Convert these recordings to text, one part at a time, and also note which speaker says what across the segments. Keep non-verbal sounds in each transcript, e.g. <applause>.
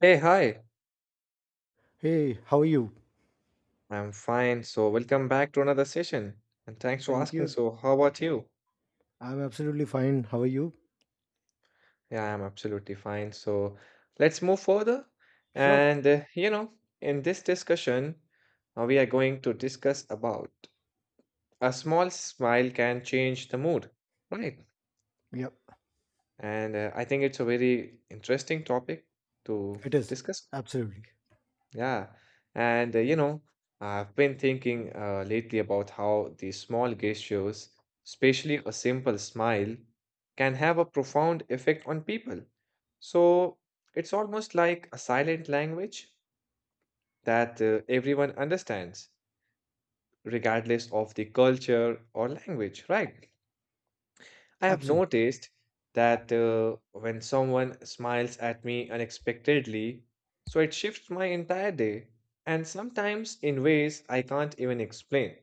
Speaker 1: Hey, hi.
Speaker 2: Hey, how are you?
Speaker 1: I'm fine. So, welcome back to another session. And thanks for
Speaker 2: Thank
Speaker 1: asking.
Speaker 2: you.
Speaker 1: So, how about you?
Speaker 2: I'm absolutely fine. How are you?
Speaker 1: Yeah, I'm absolutely fine. So, let's move further.
Speaker 2: Sure.
Speaker 1: And, uh, you know, in this discussion, we are going to discuss about a small smile can change the mood, right?
Speaker 2: Yep,
Speaker 1: And I think it's a very interesting topic to
Speaker 2: it is.
Speaker 1: discuss.
Speaker 2: Absolutely.
Speaker 1: Yeah, and I've been thinking lately about how these small gestures, especially a simple smile, can have a profound effect on people. So it's almost like a silent language that everyone understands, regardless of the culture or language, right? I have
Speaker 2: Absolutely.
Speaker 1: noticed that when someone smiles at me unexpectedly, so it shifts my entire day, and sometimes in ways I can't even explain.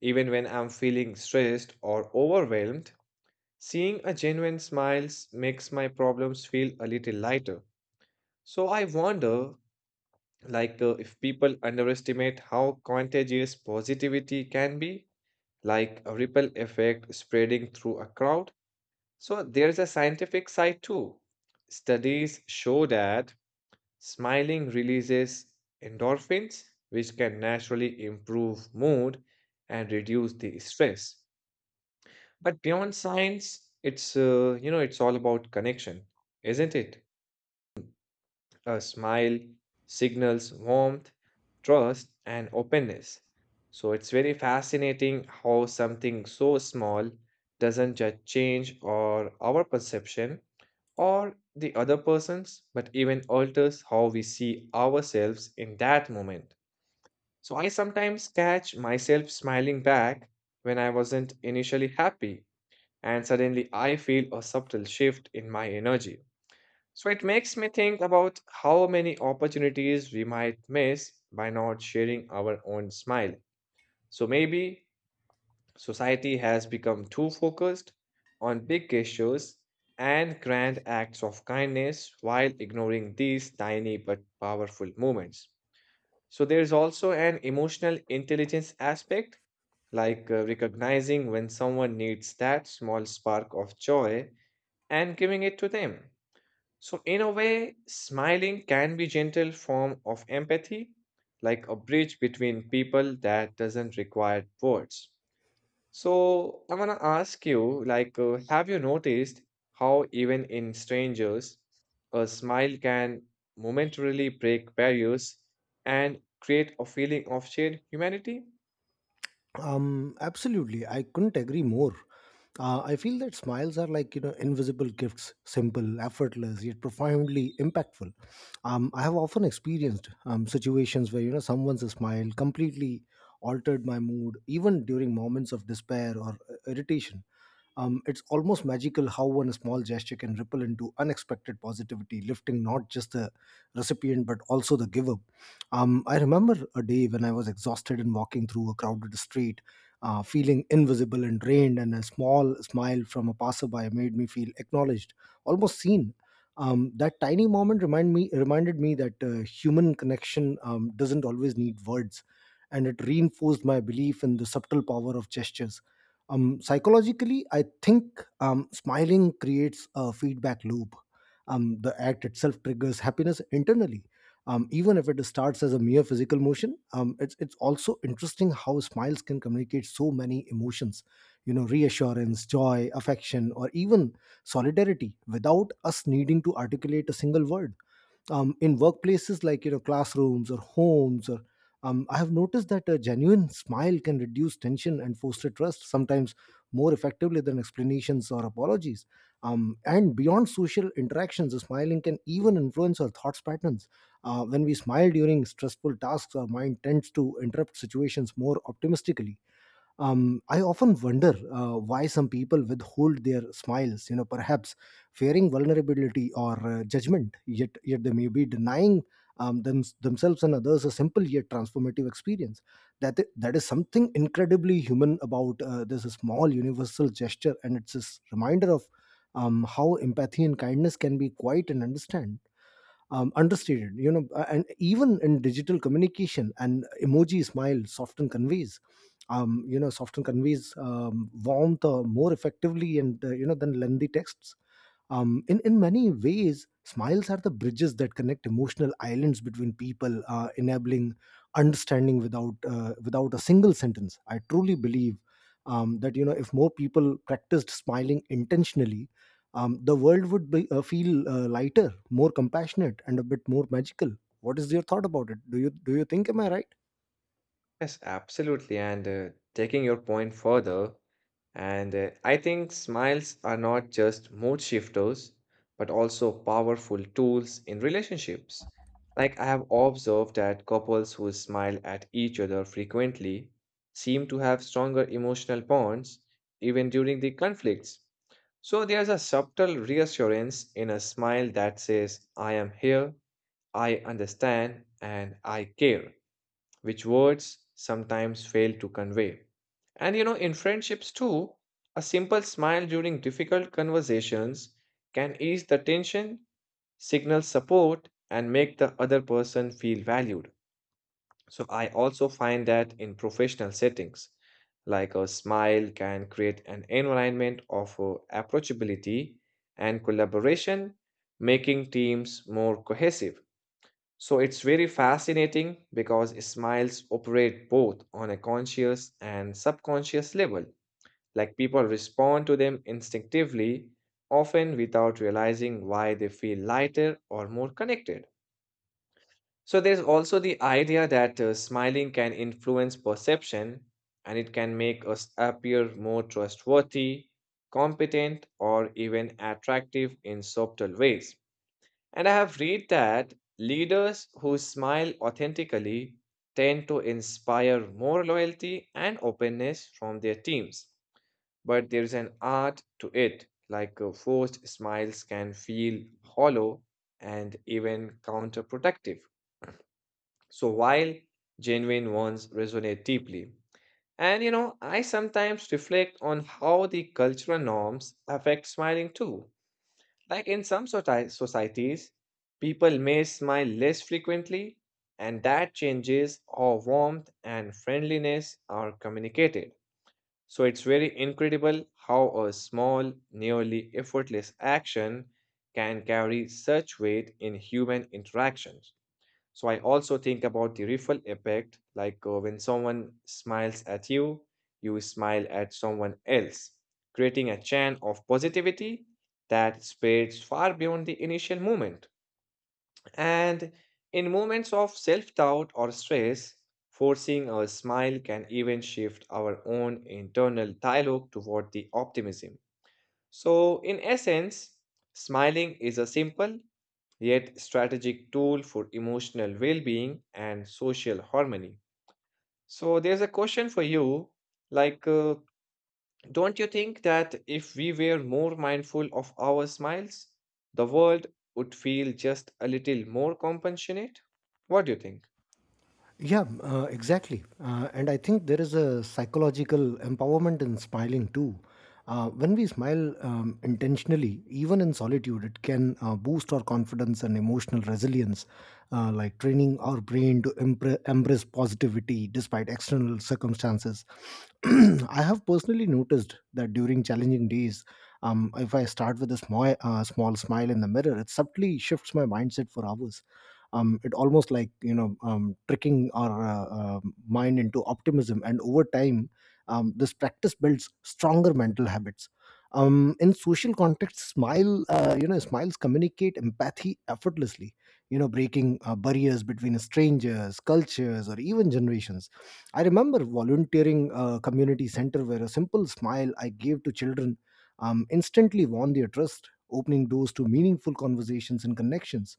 Speaker 1: Even when I'm feeling stressed or overwhelmed, seeing a genuine smile makes my problems feel a little lighter. So I wonder, like, if people underestimate how contagious positivity can be, like a ripple effect spreading through a crowd. So there's a scientific side too. Studies show that smiling releases endorphins, which can naturally improve mood and reduce the stress. But beyond science, it's it's all about connection, isn't it? A smile signals warmth, trust, and openness. So it's very fascinating how something so small doesn't just change or our perception or the other person's, but even alters how we see ourselves in that moment. So I sometimes catch myself smiling back when I wasn't initially happy, and suddenly I feel a subtle shift in my energy. So it makes me think about how many opportunities we might miss by not sharing our own smile. So maybe society has become too focused on big gestures and grand acts of kindness while ignoring these tiny but powerful moments. So there is also an emotional intelligence aspect, like recognizing when someone needs that small spark of joy and giving it to them. So in a way, smiling can be gentle form of empathy, like a bridge between people that doesn't require words. So I want to ask you, like, have you noticed how even in strangers, a smile can momentarily break barriers and create a feeling of shared humanity?
Speaker 2: Absolutely. I couldn't agree more. I feel that smiles are like, you know, invisible gifts, simple, effortless, yet profoundly impactful. I have often experienced situations where, you know, someone's smile completely altered my mood, even during moments of despair or irritation. It's almost magical how one small gesture can ripple into unexpected positivity, lifting not just the recipient but also the giver. I remember a day when I was exhausted and walking through a crowded street, feeling invisible and drained, and a small smile from a passerby made me feel acknowledged, almost seen. That tiny moment reminded me that human connection doesn't always need words, and it reinforced my belief in the subtle power of gestures. Um, psychologically, I think smiling creates a feedback loop. The act itself triggers happiness internally. Even if it starts as a mere physical motion, it's also interesting how smiles can communicate so many emotions, you know, reassurance, joy, affection, or even solidarity without us needing to articulate a single word. In workplaces like you know classrooms or homes or I have noticed that a genuine smile can reduce tension and foster trust sometimes more effectively than explanations or apologies. And beyond social interactions the smiling can even influence our thoughts patterns. Uh, when we smile during stressful tasks our mind tends to interpret situations more optimistically. I often wonder why some people withhold their smiles, you know, perhaps fearing vulnerability or judgment, yet they may be denying themselves and others a simple yet transformative experience. That is something incredibly human about this small universal gesture, and it's a reminder of how empathy and kindness can be quite and understand understated, you know. And even in digital communication and emoji smile soften conveys you know soften conveys warmth more effectively and you know, than lengthy texts. In many ways, smiles are the bridges that connect emotional islands between people, enabling understanding without a single sentence. I truly believe that you know if more people practiced smiling intentionally, the world would feel lighter, more compassionate, and a bit more magical. What is your thought about it? Do you think am I right?
Speaker 1: Yes, absolutely. And Taking your point further, and I think smiles are not just mood shifters, but also powerful tools in relationships. Like I have observed that couples who smile at each other frequently seem to have stronger emotional bonds even during the conflicts. So there's a subtle reassurance in a smile that says, I am here, I understand, and I care which words sometimes fail to convey. And you know, in friendships too, a simple smile during difficult conversations can ease the tension, signal support, and make the other person feel valued. So, I also find that in professional settings, like a smile can create an environment of approachability and collaboration, making teams more cohesive. So it's very fascinating because smiles operate both on a conscious and subconscious level. Like people respond to them instinctively, often without realizing why they feel lighter or more connected. So there's also the idea that smiling can influence perception and it can make us appear more trustworthy, competent, or even attractive in subtle ways. And I have read that leaders who smile authentically tend to inspire more loyalty and openness from their teams. But there is an art to it, like forced smiles can feel hollow and even counterproductive. So while genuine ones resonate deeply. And you know, I sometimes reflect on how the cultural norms affect smiling too. Like in some societies, people may smile less frequently, and that changes how warmth and friendliness are communicated. So it's very incredible how a small, nearly effortless action can carry such weight in human interactions. So I also think about the ripple effect, like when someone smiles at you, you smile at someone else, creating a chain of positivity that spreads far beyond the initial moment. And in moments of self doubt or stress, forcing a smile can even shift our own internal dialogue toward the optimism. So, in essence, smiling is a simple yet strategic tool for emotional well-being and social harmony. So there's a question for you, like don't you think that if we were more mindful of our smiles, the world would feel just a little more compassionate? What do you think?
Speaker 2: Yeah, exactly. And I think there is a psychological empowerment in smiling too. When we smile intentionally, even in solitude, it can boost our confidence and emotional resilience, like training our brain to embrace positivity despite external circumstances. <clears throat> I have personally noticed that during challenging days, if I start with a small smile in the mirror, it subtly shifts my mindset for hours. It almost like tricking our mind into optimism, and over time this practice builds stronger mental habits. In social context, smiles communicate empathy effortlessly, you know, breaking barriers between strangers, cultures, or even generations. I remember volunteering a community center where a simple smile I gave to children instantly won their trust, opening doors to meaningful conversations and connections.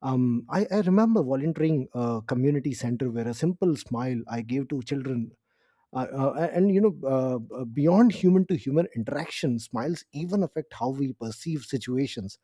Speaker 2: I remember volunteering a community center where a simple smile I gave to children. Uh, and you know beyond human to human interaction, smiles even affect how we perceive situations.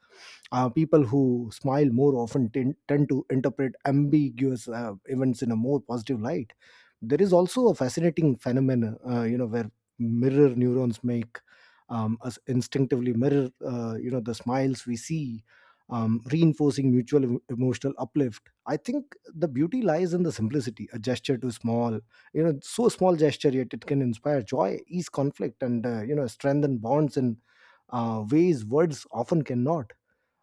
Speaker 2: People who smile more often tend to interpret ambiguous events in a more positive light. There is also a fascinating phenomenon you know where mirror neurons make us instinctively mirror you know the smiles we see, reinforcing mutual emotional uplift. I think the beauty lies in the simplicity, a gesture too small, small gesture, yet it can inspire joy, ease conflict, and you know, strengthen bonds in ways words often cannot.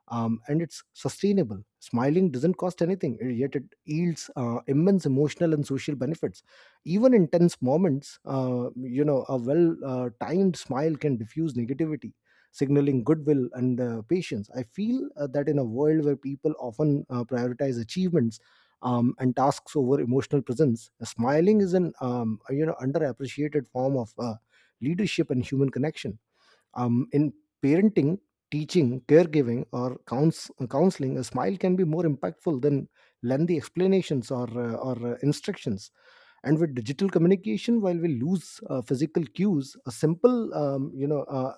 Speaker 2: And it's sustainable. Smiling doesn't cost anything, yet it yields immense emotional and social benefits. Even in tense moments, you know, a well-timed smile can diffuse negativity, signaling goodwill and patience. I feel that in a world where people often prioritize achievements and tasks over emotional presence, smiling is an you know underappreciated form of leadership and human connection. In parenting, teaching, caregiving, or counseling, a smile can be more impactful than lengthy explanations or instructions. And with digital communication, while we lose physical cues, a simple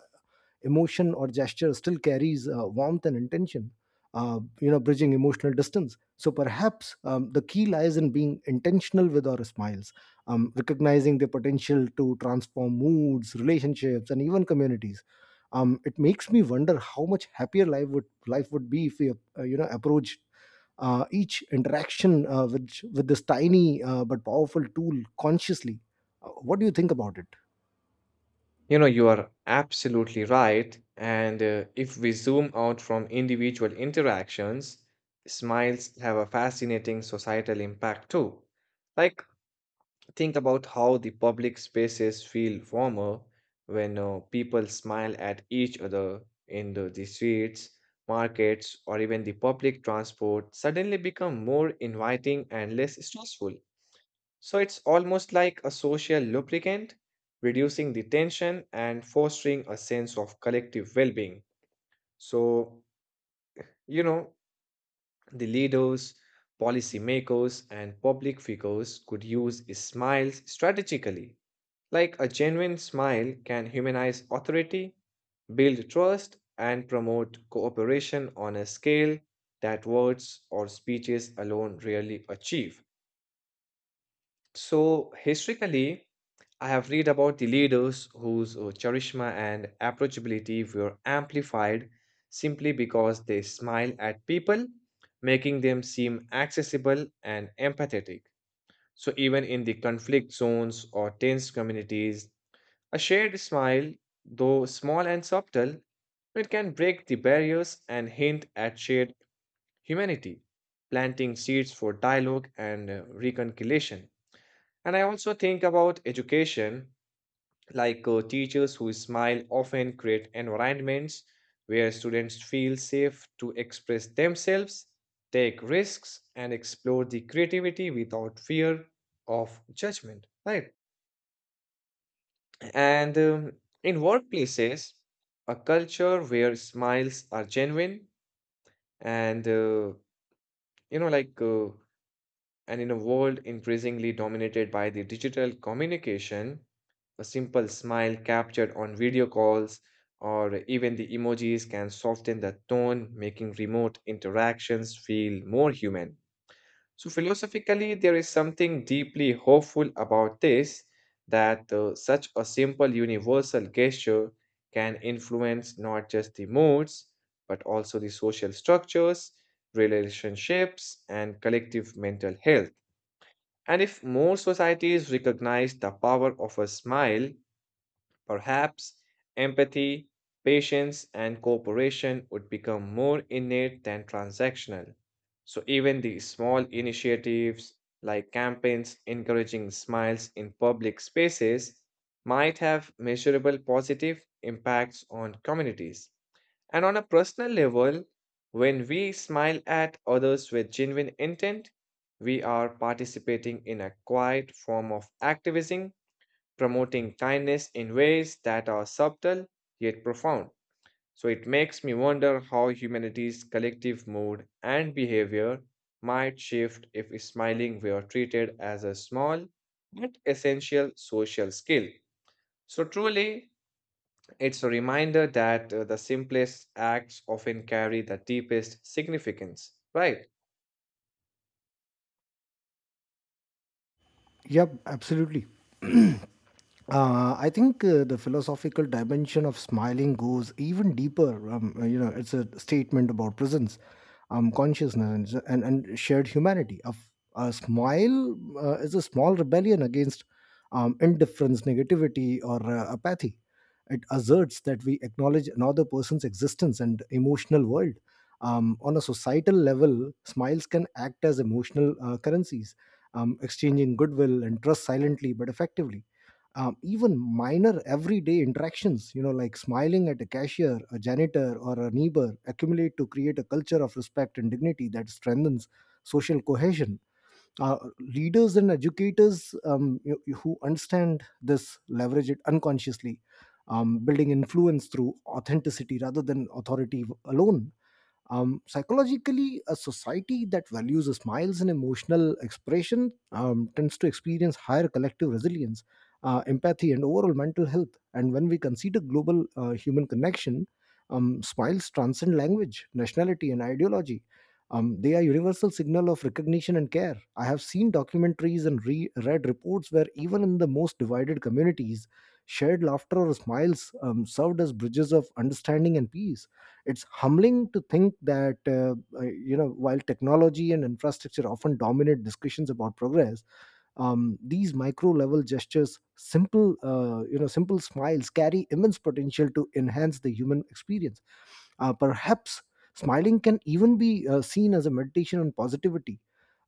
Speaker 2: emotion or gesture still carries warmth and intention, you know, bridging emotional distance. So perhaps the key lies in being intentional with our smiles, recognizing their potential to transform moods, relationships, and even communities. It makes me wonder how much happier life would be if we you know approach each interaction with this tiny but powerful tool consciously. What do you think about it?
Speaker 1: You know, you are absolutely right. And if we zoom out from individual interactions, smiles have a fascinating societal impact too. Like think about how the public spaces feel warmer when people smile at each other in the streets, markets, or even the public transport suddenly become more inviting and less stressful. So it's almost like a social lubricant, reducing the tension and fostering a sense of collective well being. So, you know, the leaders, policymakers, and public figures could use smiles strategically like a genuine smile can humanize authority, build trust, and promote cooperation on a scale that words or speeches alone rarely achieve. So, historically, I have read about the leaders whose charisma and approachability were amplified simply because they smile at people, making them seem accessible and empathetic. So, even in the conflict zones or tense communities, a shared smile, though small and subtle, it can break the barriers and hint at shared humanity, planting seeds for dialogue and reconciliation. And I also think about education, like teachers who smile often create environments where students feel safe to express themselves, take risks, and explore the creativity without fear of judgment, right? And In workplaces, a culture where smiles are genuine and, you know, like, and in a world increasingly dominated by the digital communication, a simple smile captured on video calls or even the emojis can soften the tone, making remote interactions feel more human. So, philosophically, there is something deeply hopeful about this that such a simple universal gesture can influence not just the moods, but also the social structures, relationships, and collective mental health. And if more societies recognize the power of a smile perhaps empathy, patience, and cooperation would become more innate than transactional. So, even the small initiatives like campaigns encouraging smiles in public spaces might have measurable positive impacts on communities. And on a personal level, when we smile at others with genuine intent, we are participating in a quiet form of activism promoting kindness in ways that are subtle yet profound. So it makes me wonder how humanity's collective mood and behavior might shift if smiling were treated as a small but essential social skill. So truly, it's a reminder that the simplest acts often carry the deepest significance, right?
Speaker 2: Yep, absolutely. I think the philosophical dimension of smiling goes even deeper. You know, it's a statement about presence, consciousness, and shared humanity. A smile is a small rebellion against indifference, negativity, or apathy. It asserts that we acknowledge another person's existence and emotional world. On a societal level, smiles can act as emotional currencies, exchanging goodwill and trust silently but effectively. Um, even minor everyday interactions, you know, like smiling at a cashier, a janitor, or a neighbor, accumulate to create a culture of respect and dignity that strengthens social cohesion. Leaders and educators who understand this leverage it unconsciously, building influence through authenticity rather than authority alone. Um, psychologically, a society that values smiles and emotional expression tends to experience higher collective resilience, empathy, and overall mental health. And when we consider global human connection, smiles transcend language, nationality, and ideology. They are universal signal of recognition and care. I have seen documentaries and read reports where even in the most divided communities, shared laughter or smiles served as bridges of understanding and peace. It's humbling to think that you know while technology and infrastructure often dominate discussions about progress, these micro level gestures, simple simple smiles, carry immense potential to enhance the human experience. Perhaps smiling can even be seen as a meditation on positivity,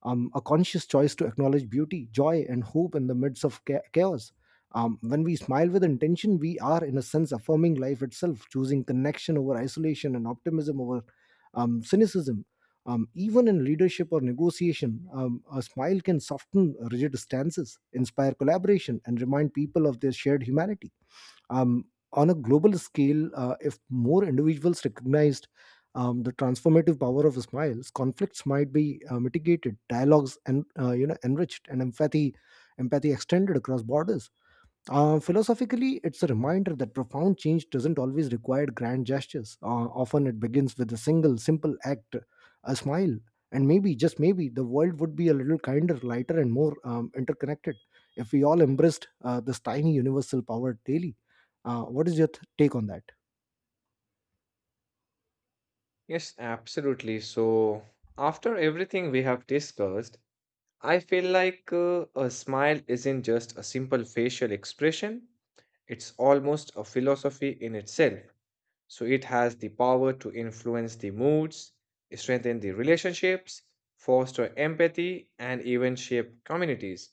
Speaker 2: a conscious choice to acknowledge beauty, joy, and hope in the midst of chaos. When we smile with intention, we are, in a sense, affirming life itself, choosing connection over isolation and optimism over cynicism. Even in leadership or negotiation, a smile can soften rigid stances, inspire collaboration, and remind people of their shared humanity. Um, on a global scale, if more individuals recognized the transformative power of smiles, conflicts might be mitigated, dialogues and you know enriched, and empathy extended across borders. Philosophically, it's a reminder that profound change doesn't always require grand gestures. Often it begins with a single, simple act, a smile. And maybe, just maybe, the world would be a little kinder, lighter, and more interconnected if we all embraced this tiny universal power daily. What is your take on that?
Speaker 1: Yes, absolutely. So, after everything we have discussed, I feel like a smile isn't just a simple facial expression, it's almost a philosophy in itself. So it has the power to influence the moods, strengthen the relationships, foster empathy, and even shape communities.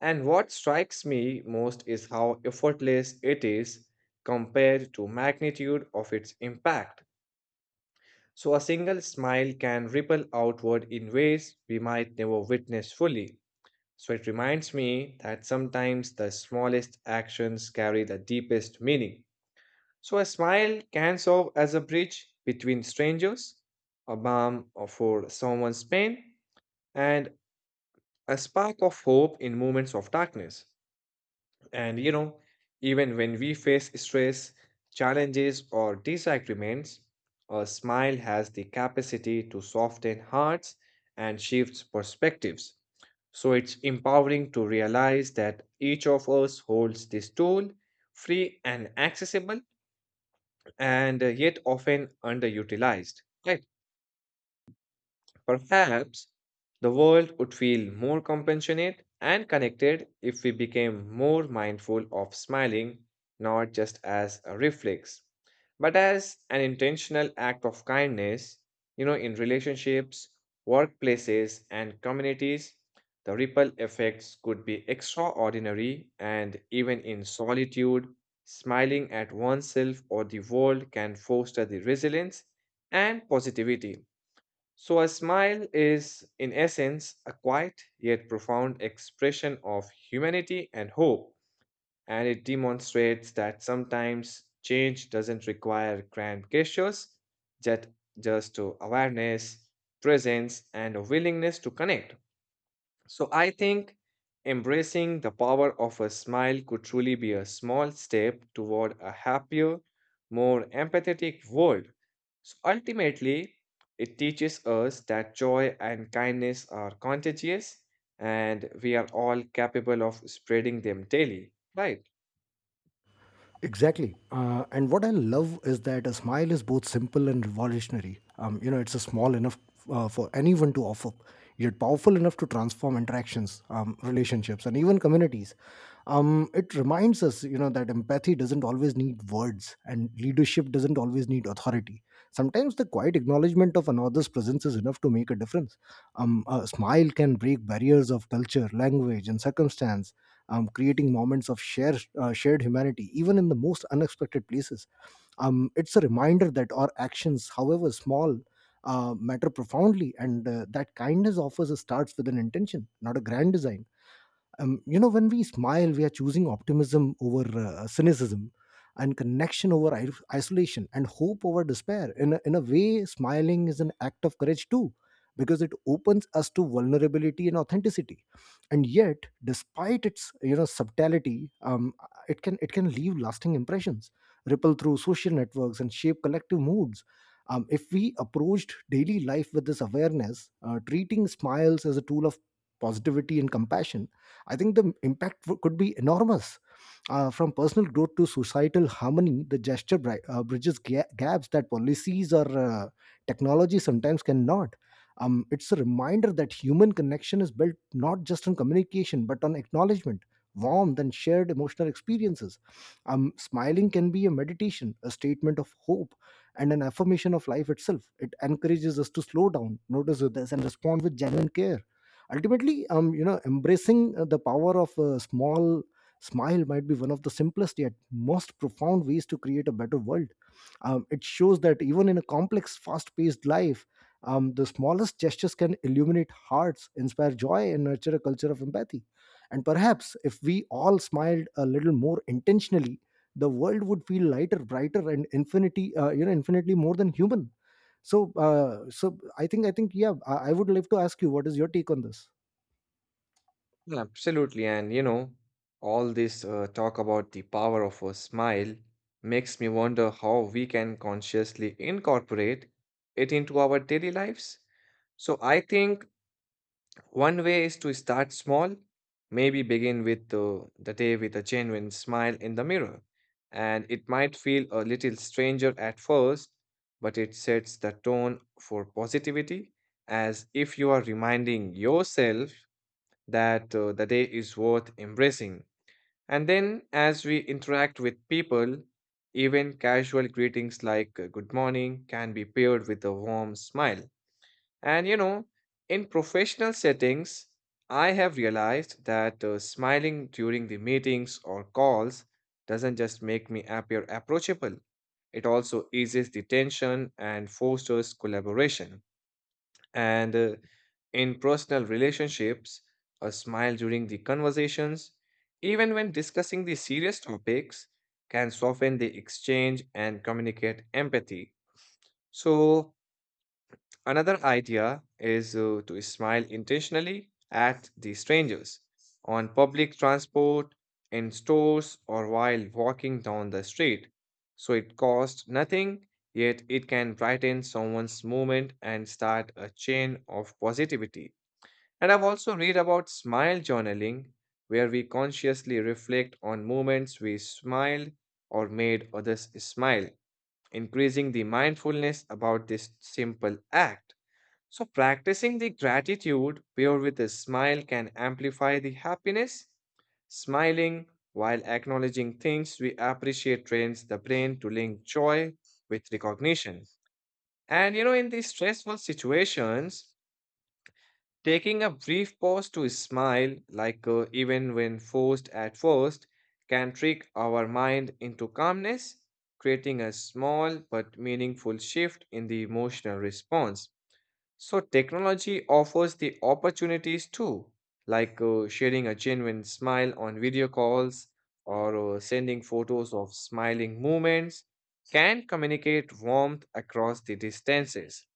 Speaker 1: And what strikes me most is how effortless it is compared to magnitude of its impact. So a single smile can ripple outward in ways we might never witness fully. So it reminds me that sometimes the smallest actions carry the deepest meaning. So a smile can serve as a bridge between strangers, a balm for someone's pain, and a spark of hope in moments of darkness. And you know, even when we face stress, challenges, or disagreements, a smile has the capacity to soften hearts and shift perspectives. So it's empowering to realize that each of us holds this tool, free and accessible, and yet often underutilized, right? Perhaps the world would feel more compassionate and connected if we became more mindful of smiling, not just as a reflex, but as an intentional act of kindness. You know, in relationships, workplaces, and communities, the ripple effects could be extraordinary, and even in solitude, smiling at oneself or the world can foster the resilience and positivity so, a smile is, in essence, a quiet yet profound expression of humanity and hope, and it demonstrates that sometimes change doesn't require grand gestures, just, just to awareness, presence, and a willingness to connect. So I think embracing the power of a smile could truly be a small step toward a happier, more empathetic world. So ultimately, it teaches us that joy and kindness are contagious and we are all capable of spreading them daily, right?
Speaker 2: Exactly. And what I love is that a smile is both simple and revolutionary. You know, it's a small enough for anyone to offer, yet powerful enough to transform interactions, relationships, and even communities. It reminds us, you know, that empathy doesn't always need words, and leadership doesn't always need authority. Sometimes the quiet acknowledgement of another's presence is enough to make a difference. A smile can break barriers of culture, language, and circumstance, creating moments of shared humanity, even in the most unexpected places. It's a reminder that our actions, however small, matter profoundly, and that kindness offers a starts with an intention, not a grand design. You know, when we smile, we are choosing optimism over cynicism and connection over isolation and hope over despair. In a way, smiling is an act of courage too, because it opens us to vulnerability and authenticity. And yet, despite its you know subtlety, it can leave lasting impressions, ripple through social networks and shape collective moods. If we approached daily life with this awareness, treating smiles as a tool of positivity and compassion, I think the impact could be enormous. From personal growth to societal harmony, the gesture bridges gaps that policies or technology sometimes cannot. It's a reminder that human connection is built not just on communication, but on acknowledgement, warmth, and shared emotional experiences. Smiling can be a meditation, a statement of hope, and an affirmation of life itself. It encourages us to slow down, notice others, and respond with genuine care. Ultimately, embracing the power of a small smile might be one of the simplest yet most profound ways to create a better world. It shows that even in a complex fast-paced life, the smallest gestures can illuminate hearts, inspire joy, and nurture a culture of empathy. And perhaps if we all smiled a little more intentionally, the world would feel lighter, brighter, and infinity infinitely more than human. So I think yeah, I would love to ask you what is your take on this.
Speaker 1: Absolutely. And you know, all this talk about the power of a smile makes me wonder how we can consciously incorporate it into our daily lives. So I think one way is to start small, maybe begin with the day with a genuine smile in the mirror. And it might feel a little stranger at first, but it sets the tone for positivity, as if you are reminding yourself that the day is worth embracing. And then, as we interact with people, even casual greetings like good morning can be paired with a warm smile. And you know, in professional settings, I have realized that smiling during the meetings or calls doesn't just make me appear approachable, it also eases the tension and fosters collaboration. And in personal relationships, a smile during the conversations, even when discussing the serious topics, can soften the exchange and communicate empathy. So, another idea is to smile intentionally at the strangers on public transport, in stores, or while walking down the street. So it costs nothing, yet it can brighten someone's moment and start a chain of positivity. And I've also read about smile journaling, where we consciously reflect on moments we smiled or made others smile, increasing the mindfulness about this simple act. So, practicing the gratitude paired with a smile can amplify the happiness. Smiling while acknowledging things we appreciate trains the brain to link joy with recognition. And you know, in these stressful situations, taking a brief pause to smile, like even when forced at first, can trick our mind into calmness, creating a small but meaningful shift in the emotional response. So technology offers the opportunities too, like sharing a genuine smile on video calls or sending photos of smiling moments can communicate warmth across the distances.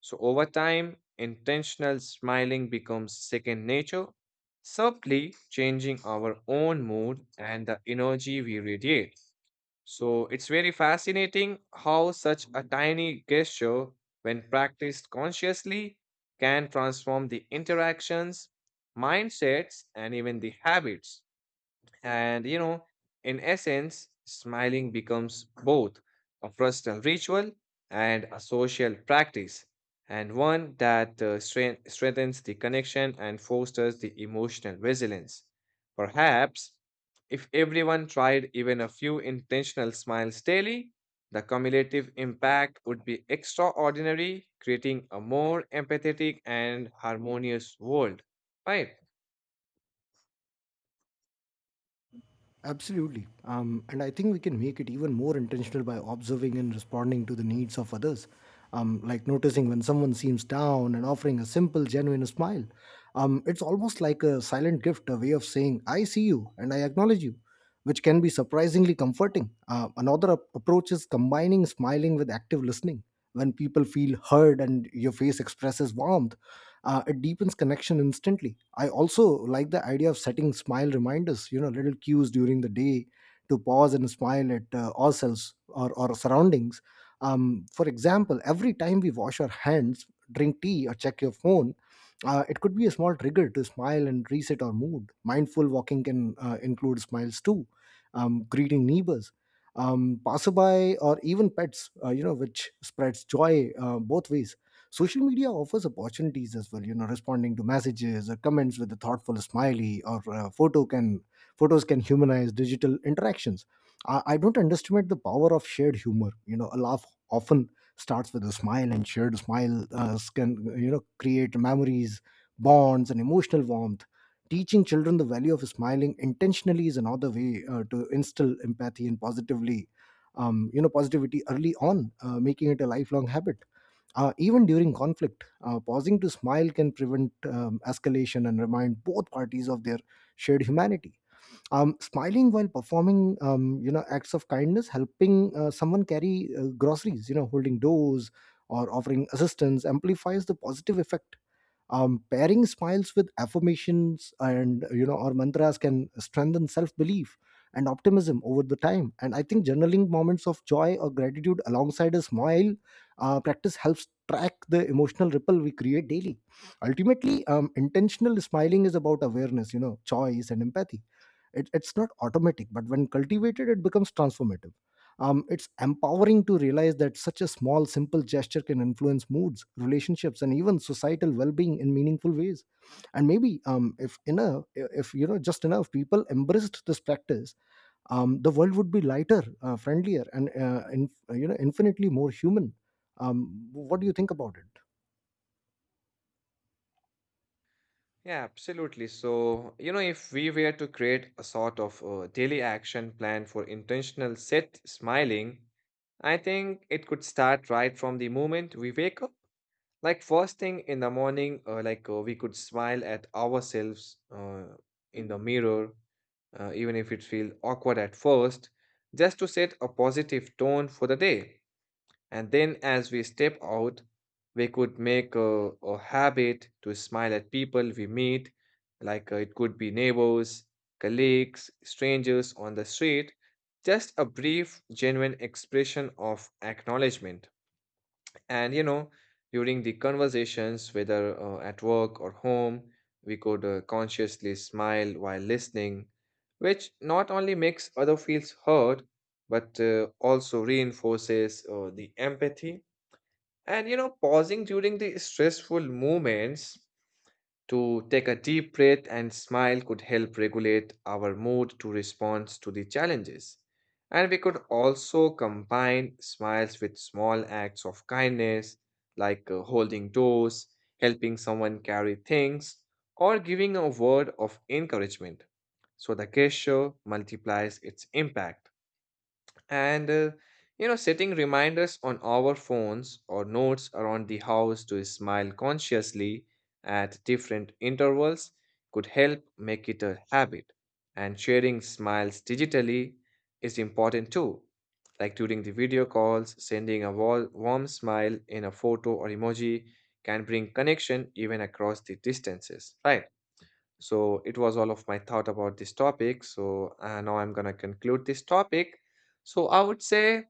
Speaker 1: So over time, intentional smiling becomes second nature, subtly changing our own mood and the energy we radiate. So it's very fascinating how such a tiny gesture, when practiced consciously, can transform the interactions, mindsets, and even the habits. And you know, in essence, smiling becomes both a personal ritual and a social practice, and one that strengthens the connection and fosters the emotional resilience. Perhaps if everyone tried even a few intentional smiles daily, the cumulative impact would be extraordinary, creating a more empathetic and harmonious world, right?
Speaker 2: Absolutely. And I think we can make it even more intentional by observing and responding to the needs of others. Like noticing when someone seems down and offering a simple, genuine smile. It's almost like a silent gift, a way of saying, I see you and I acknowledge you, which can be surprisingly comforting. Another approach is combining smiling with active listening. When people feel heard and your face expresses warmth, it deepens connection instantly. I also like the idea of setting smile reminders, you know, little cues during the day to pause and smile at ourselves or surroundings. For example, every time we wash our hands, drink tea, or check your phone, it could be a small trigger to smile and reset our mood. Mindful walking can include smiles too, greeting neighbors, passerby, or even pets. You know, which spreads joy both ways. Social media offers opportunities as well. You know, responding to messages or comments with a thoughtful smiley or photos can humanize digital interactions. I don't underestimate the power of shared humor. You know, a laugh often starts with a smile, and shared smile can you know create memories, bonds, and emotional warmth. Teaching children the value of smiling intentionally is another way to instill empathy and positively you know positivity early on, making it a lifelong habit. Even during conflict, pausing to smile can prevent escalation and remind both parties of their shared humanity. Smiling while performing you know acts of kindness, helping someone carry groceries, you know, holding doors or offering assistance, amplifies the positive effect. Pairing smiles with affirmations and you know or mantras can strengthen self-belief and optimism over the time. And I think journaling moments of joy or gratitude alongside a smile practice helps track the emotional ripple we create daily. Ultimately, intentional smiling is about awareness, you know, choice and empathy. It's not automatic, but when cultivated it becomes transformative. It's empowering to realize that such a small simple gesture can influence moods, relationships, and even societal well-being in meaningful ways. And maybe, if enough if you know just enough people embraced this practice, the world would be lighter, friendlier, and you know infinitely more human. What do you think about it?
Speaker 1: Yeah, absolutely. So, you know, if we were to create a sort of daily action plan for intentional set smiling, I think it could start right from the moment we wake up. Like first thing in the morning, we could smile at ourselves in the mirror, even if it feels awkward at first, just to set a positive tone for the day. And then as we step out, we could make a habit to smile at people we meet, like it could be neighbors, colleagues, strangers on the street, just a brief, genuine expression of acknowledgement. And you know, during the conversations, whether at work or home, we could consciously smile while listening, which not only makes other feels heard, but also reinforces the empathy. And you know, pausing during the stressful moments to take a deep breath and smile could help regulate our mood to respond to the challenges. And we could also combine smiles with small acts of kindness, like holding doors, helping someone carry things, or giving a word of encouragement. So the gesture multiplies its impact. And, you know, setting reminders on our phones or notes around the house to smile consciously at different intervals could help make it a habit. And sharing smiles digitally is important too, like during the video calls, sending a warm smile in a photo or emoji can bring connection even across the distances, right? So it was all of my thought about this topic. So now I'm gonna conclude this topic. So I would say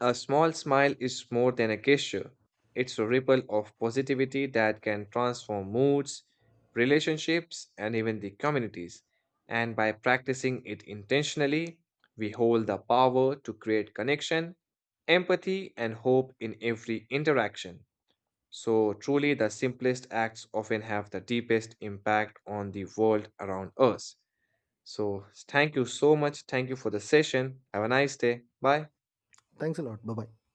Speaker 1: a small smile is more than a gesture. It's a ripple of positivity that can transform moods, relationships, and even the communities. And by practicing it intentionally, we hold the power to create connection, empathy, and hope in every interaction. So, truly, the simplest acts often have the deepest impact on the world around us. So, thank you so much. Thank you for the session. Have a nice day. Bye.
Speaker 2: Thanks a lot. Bye bye.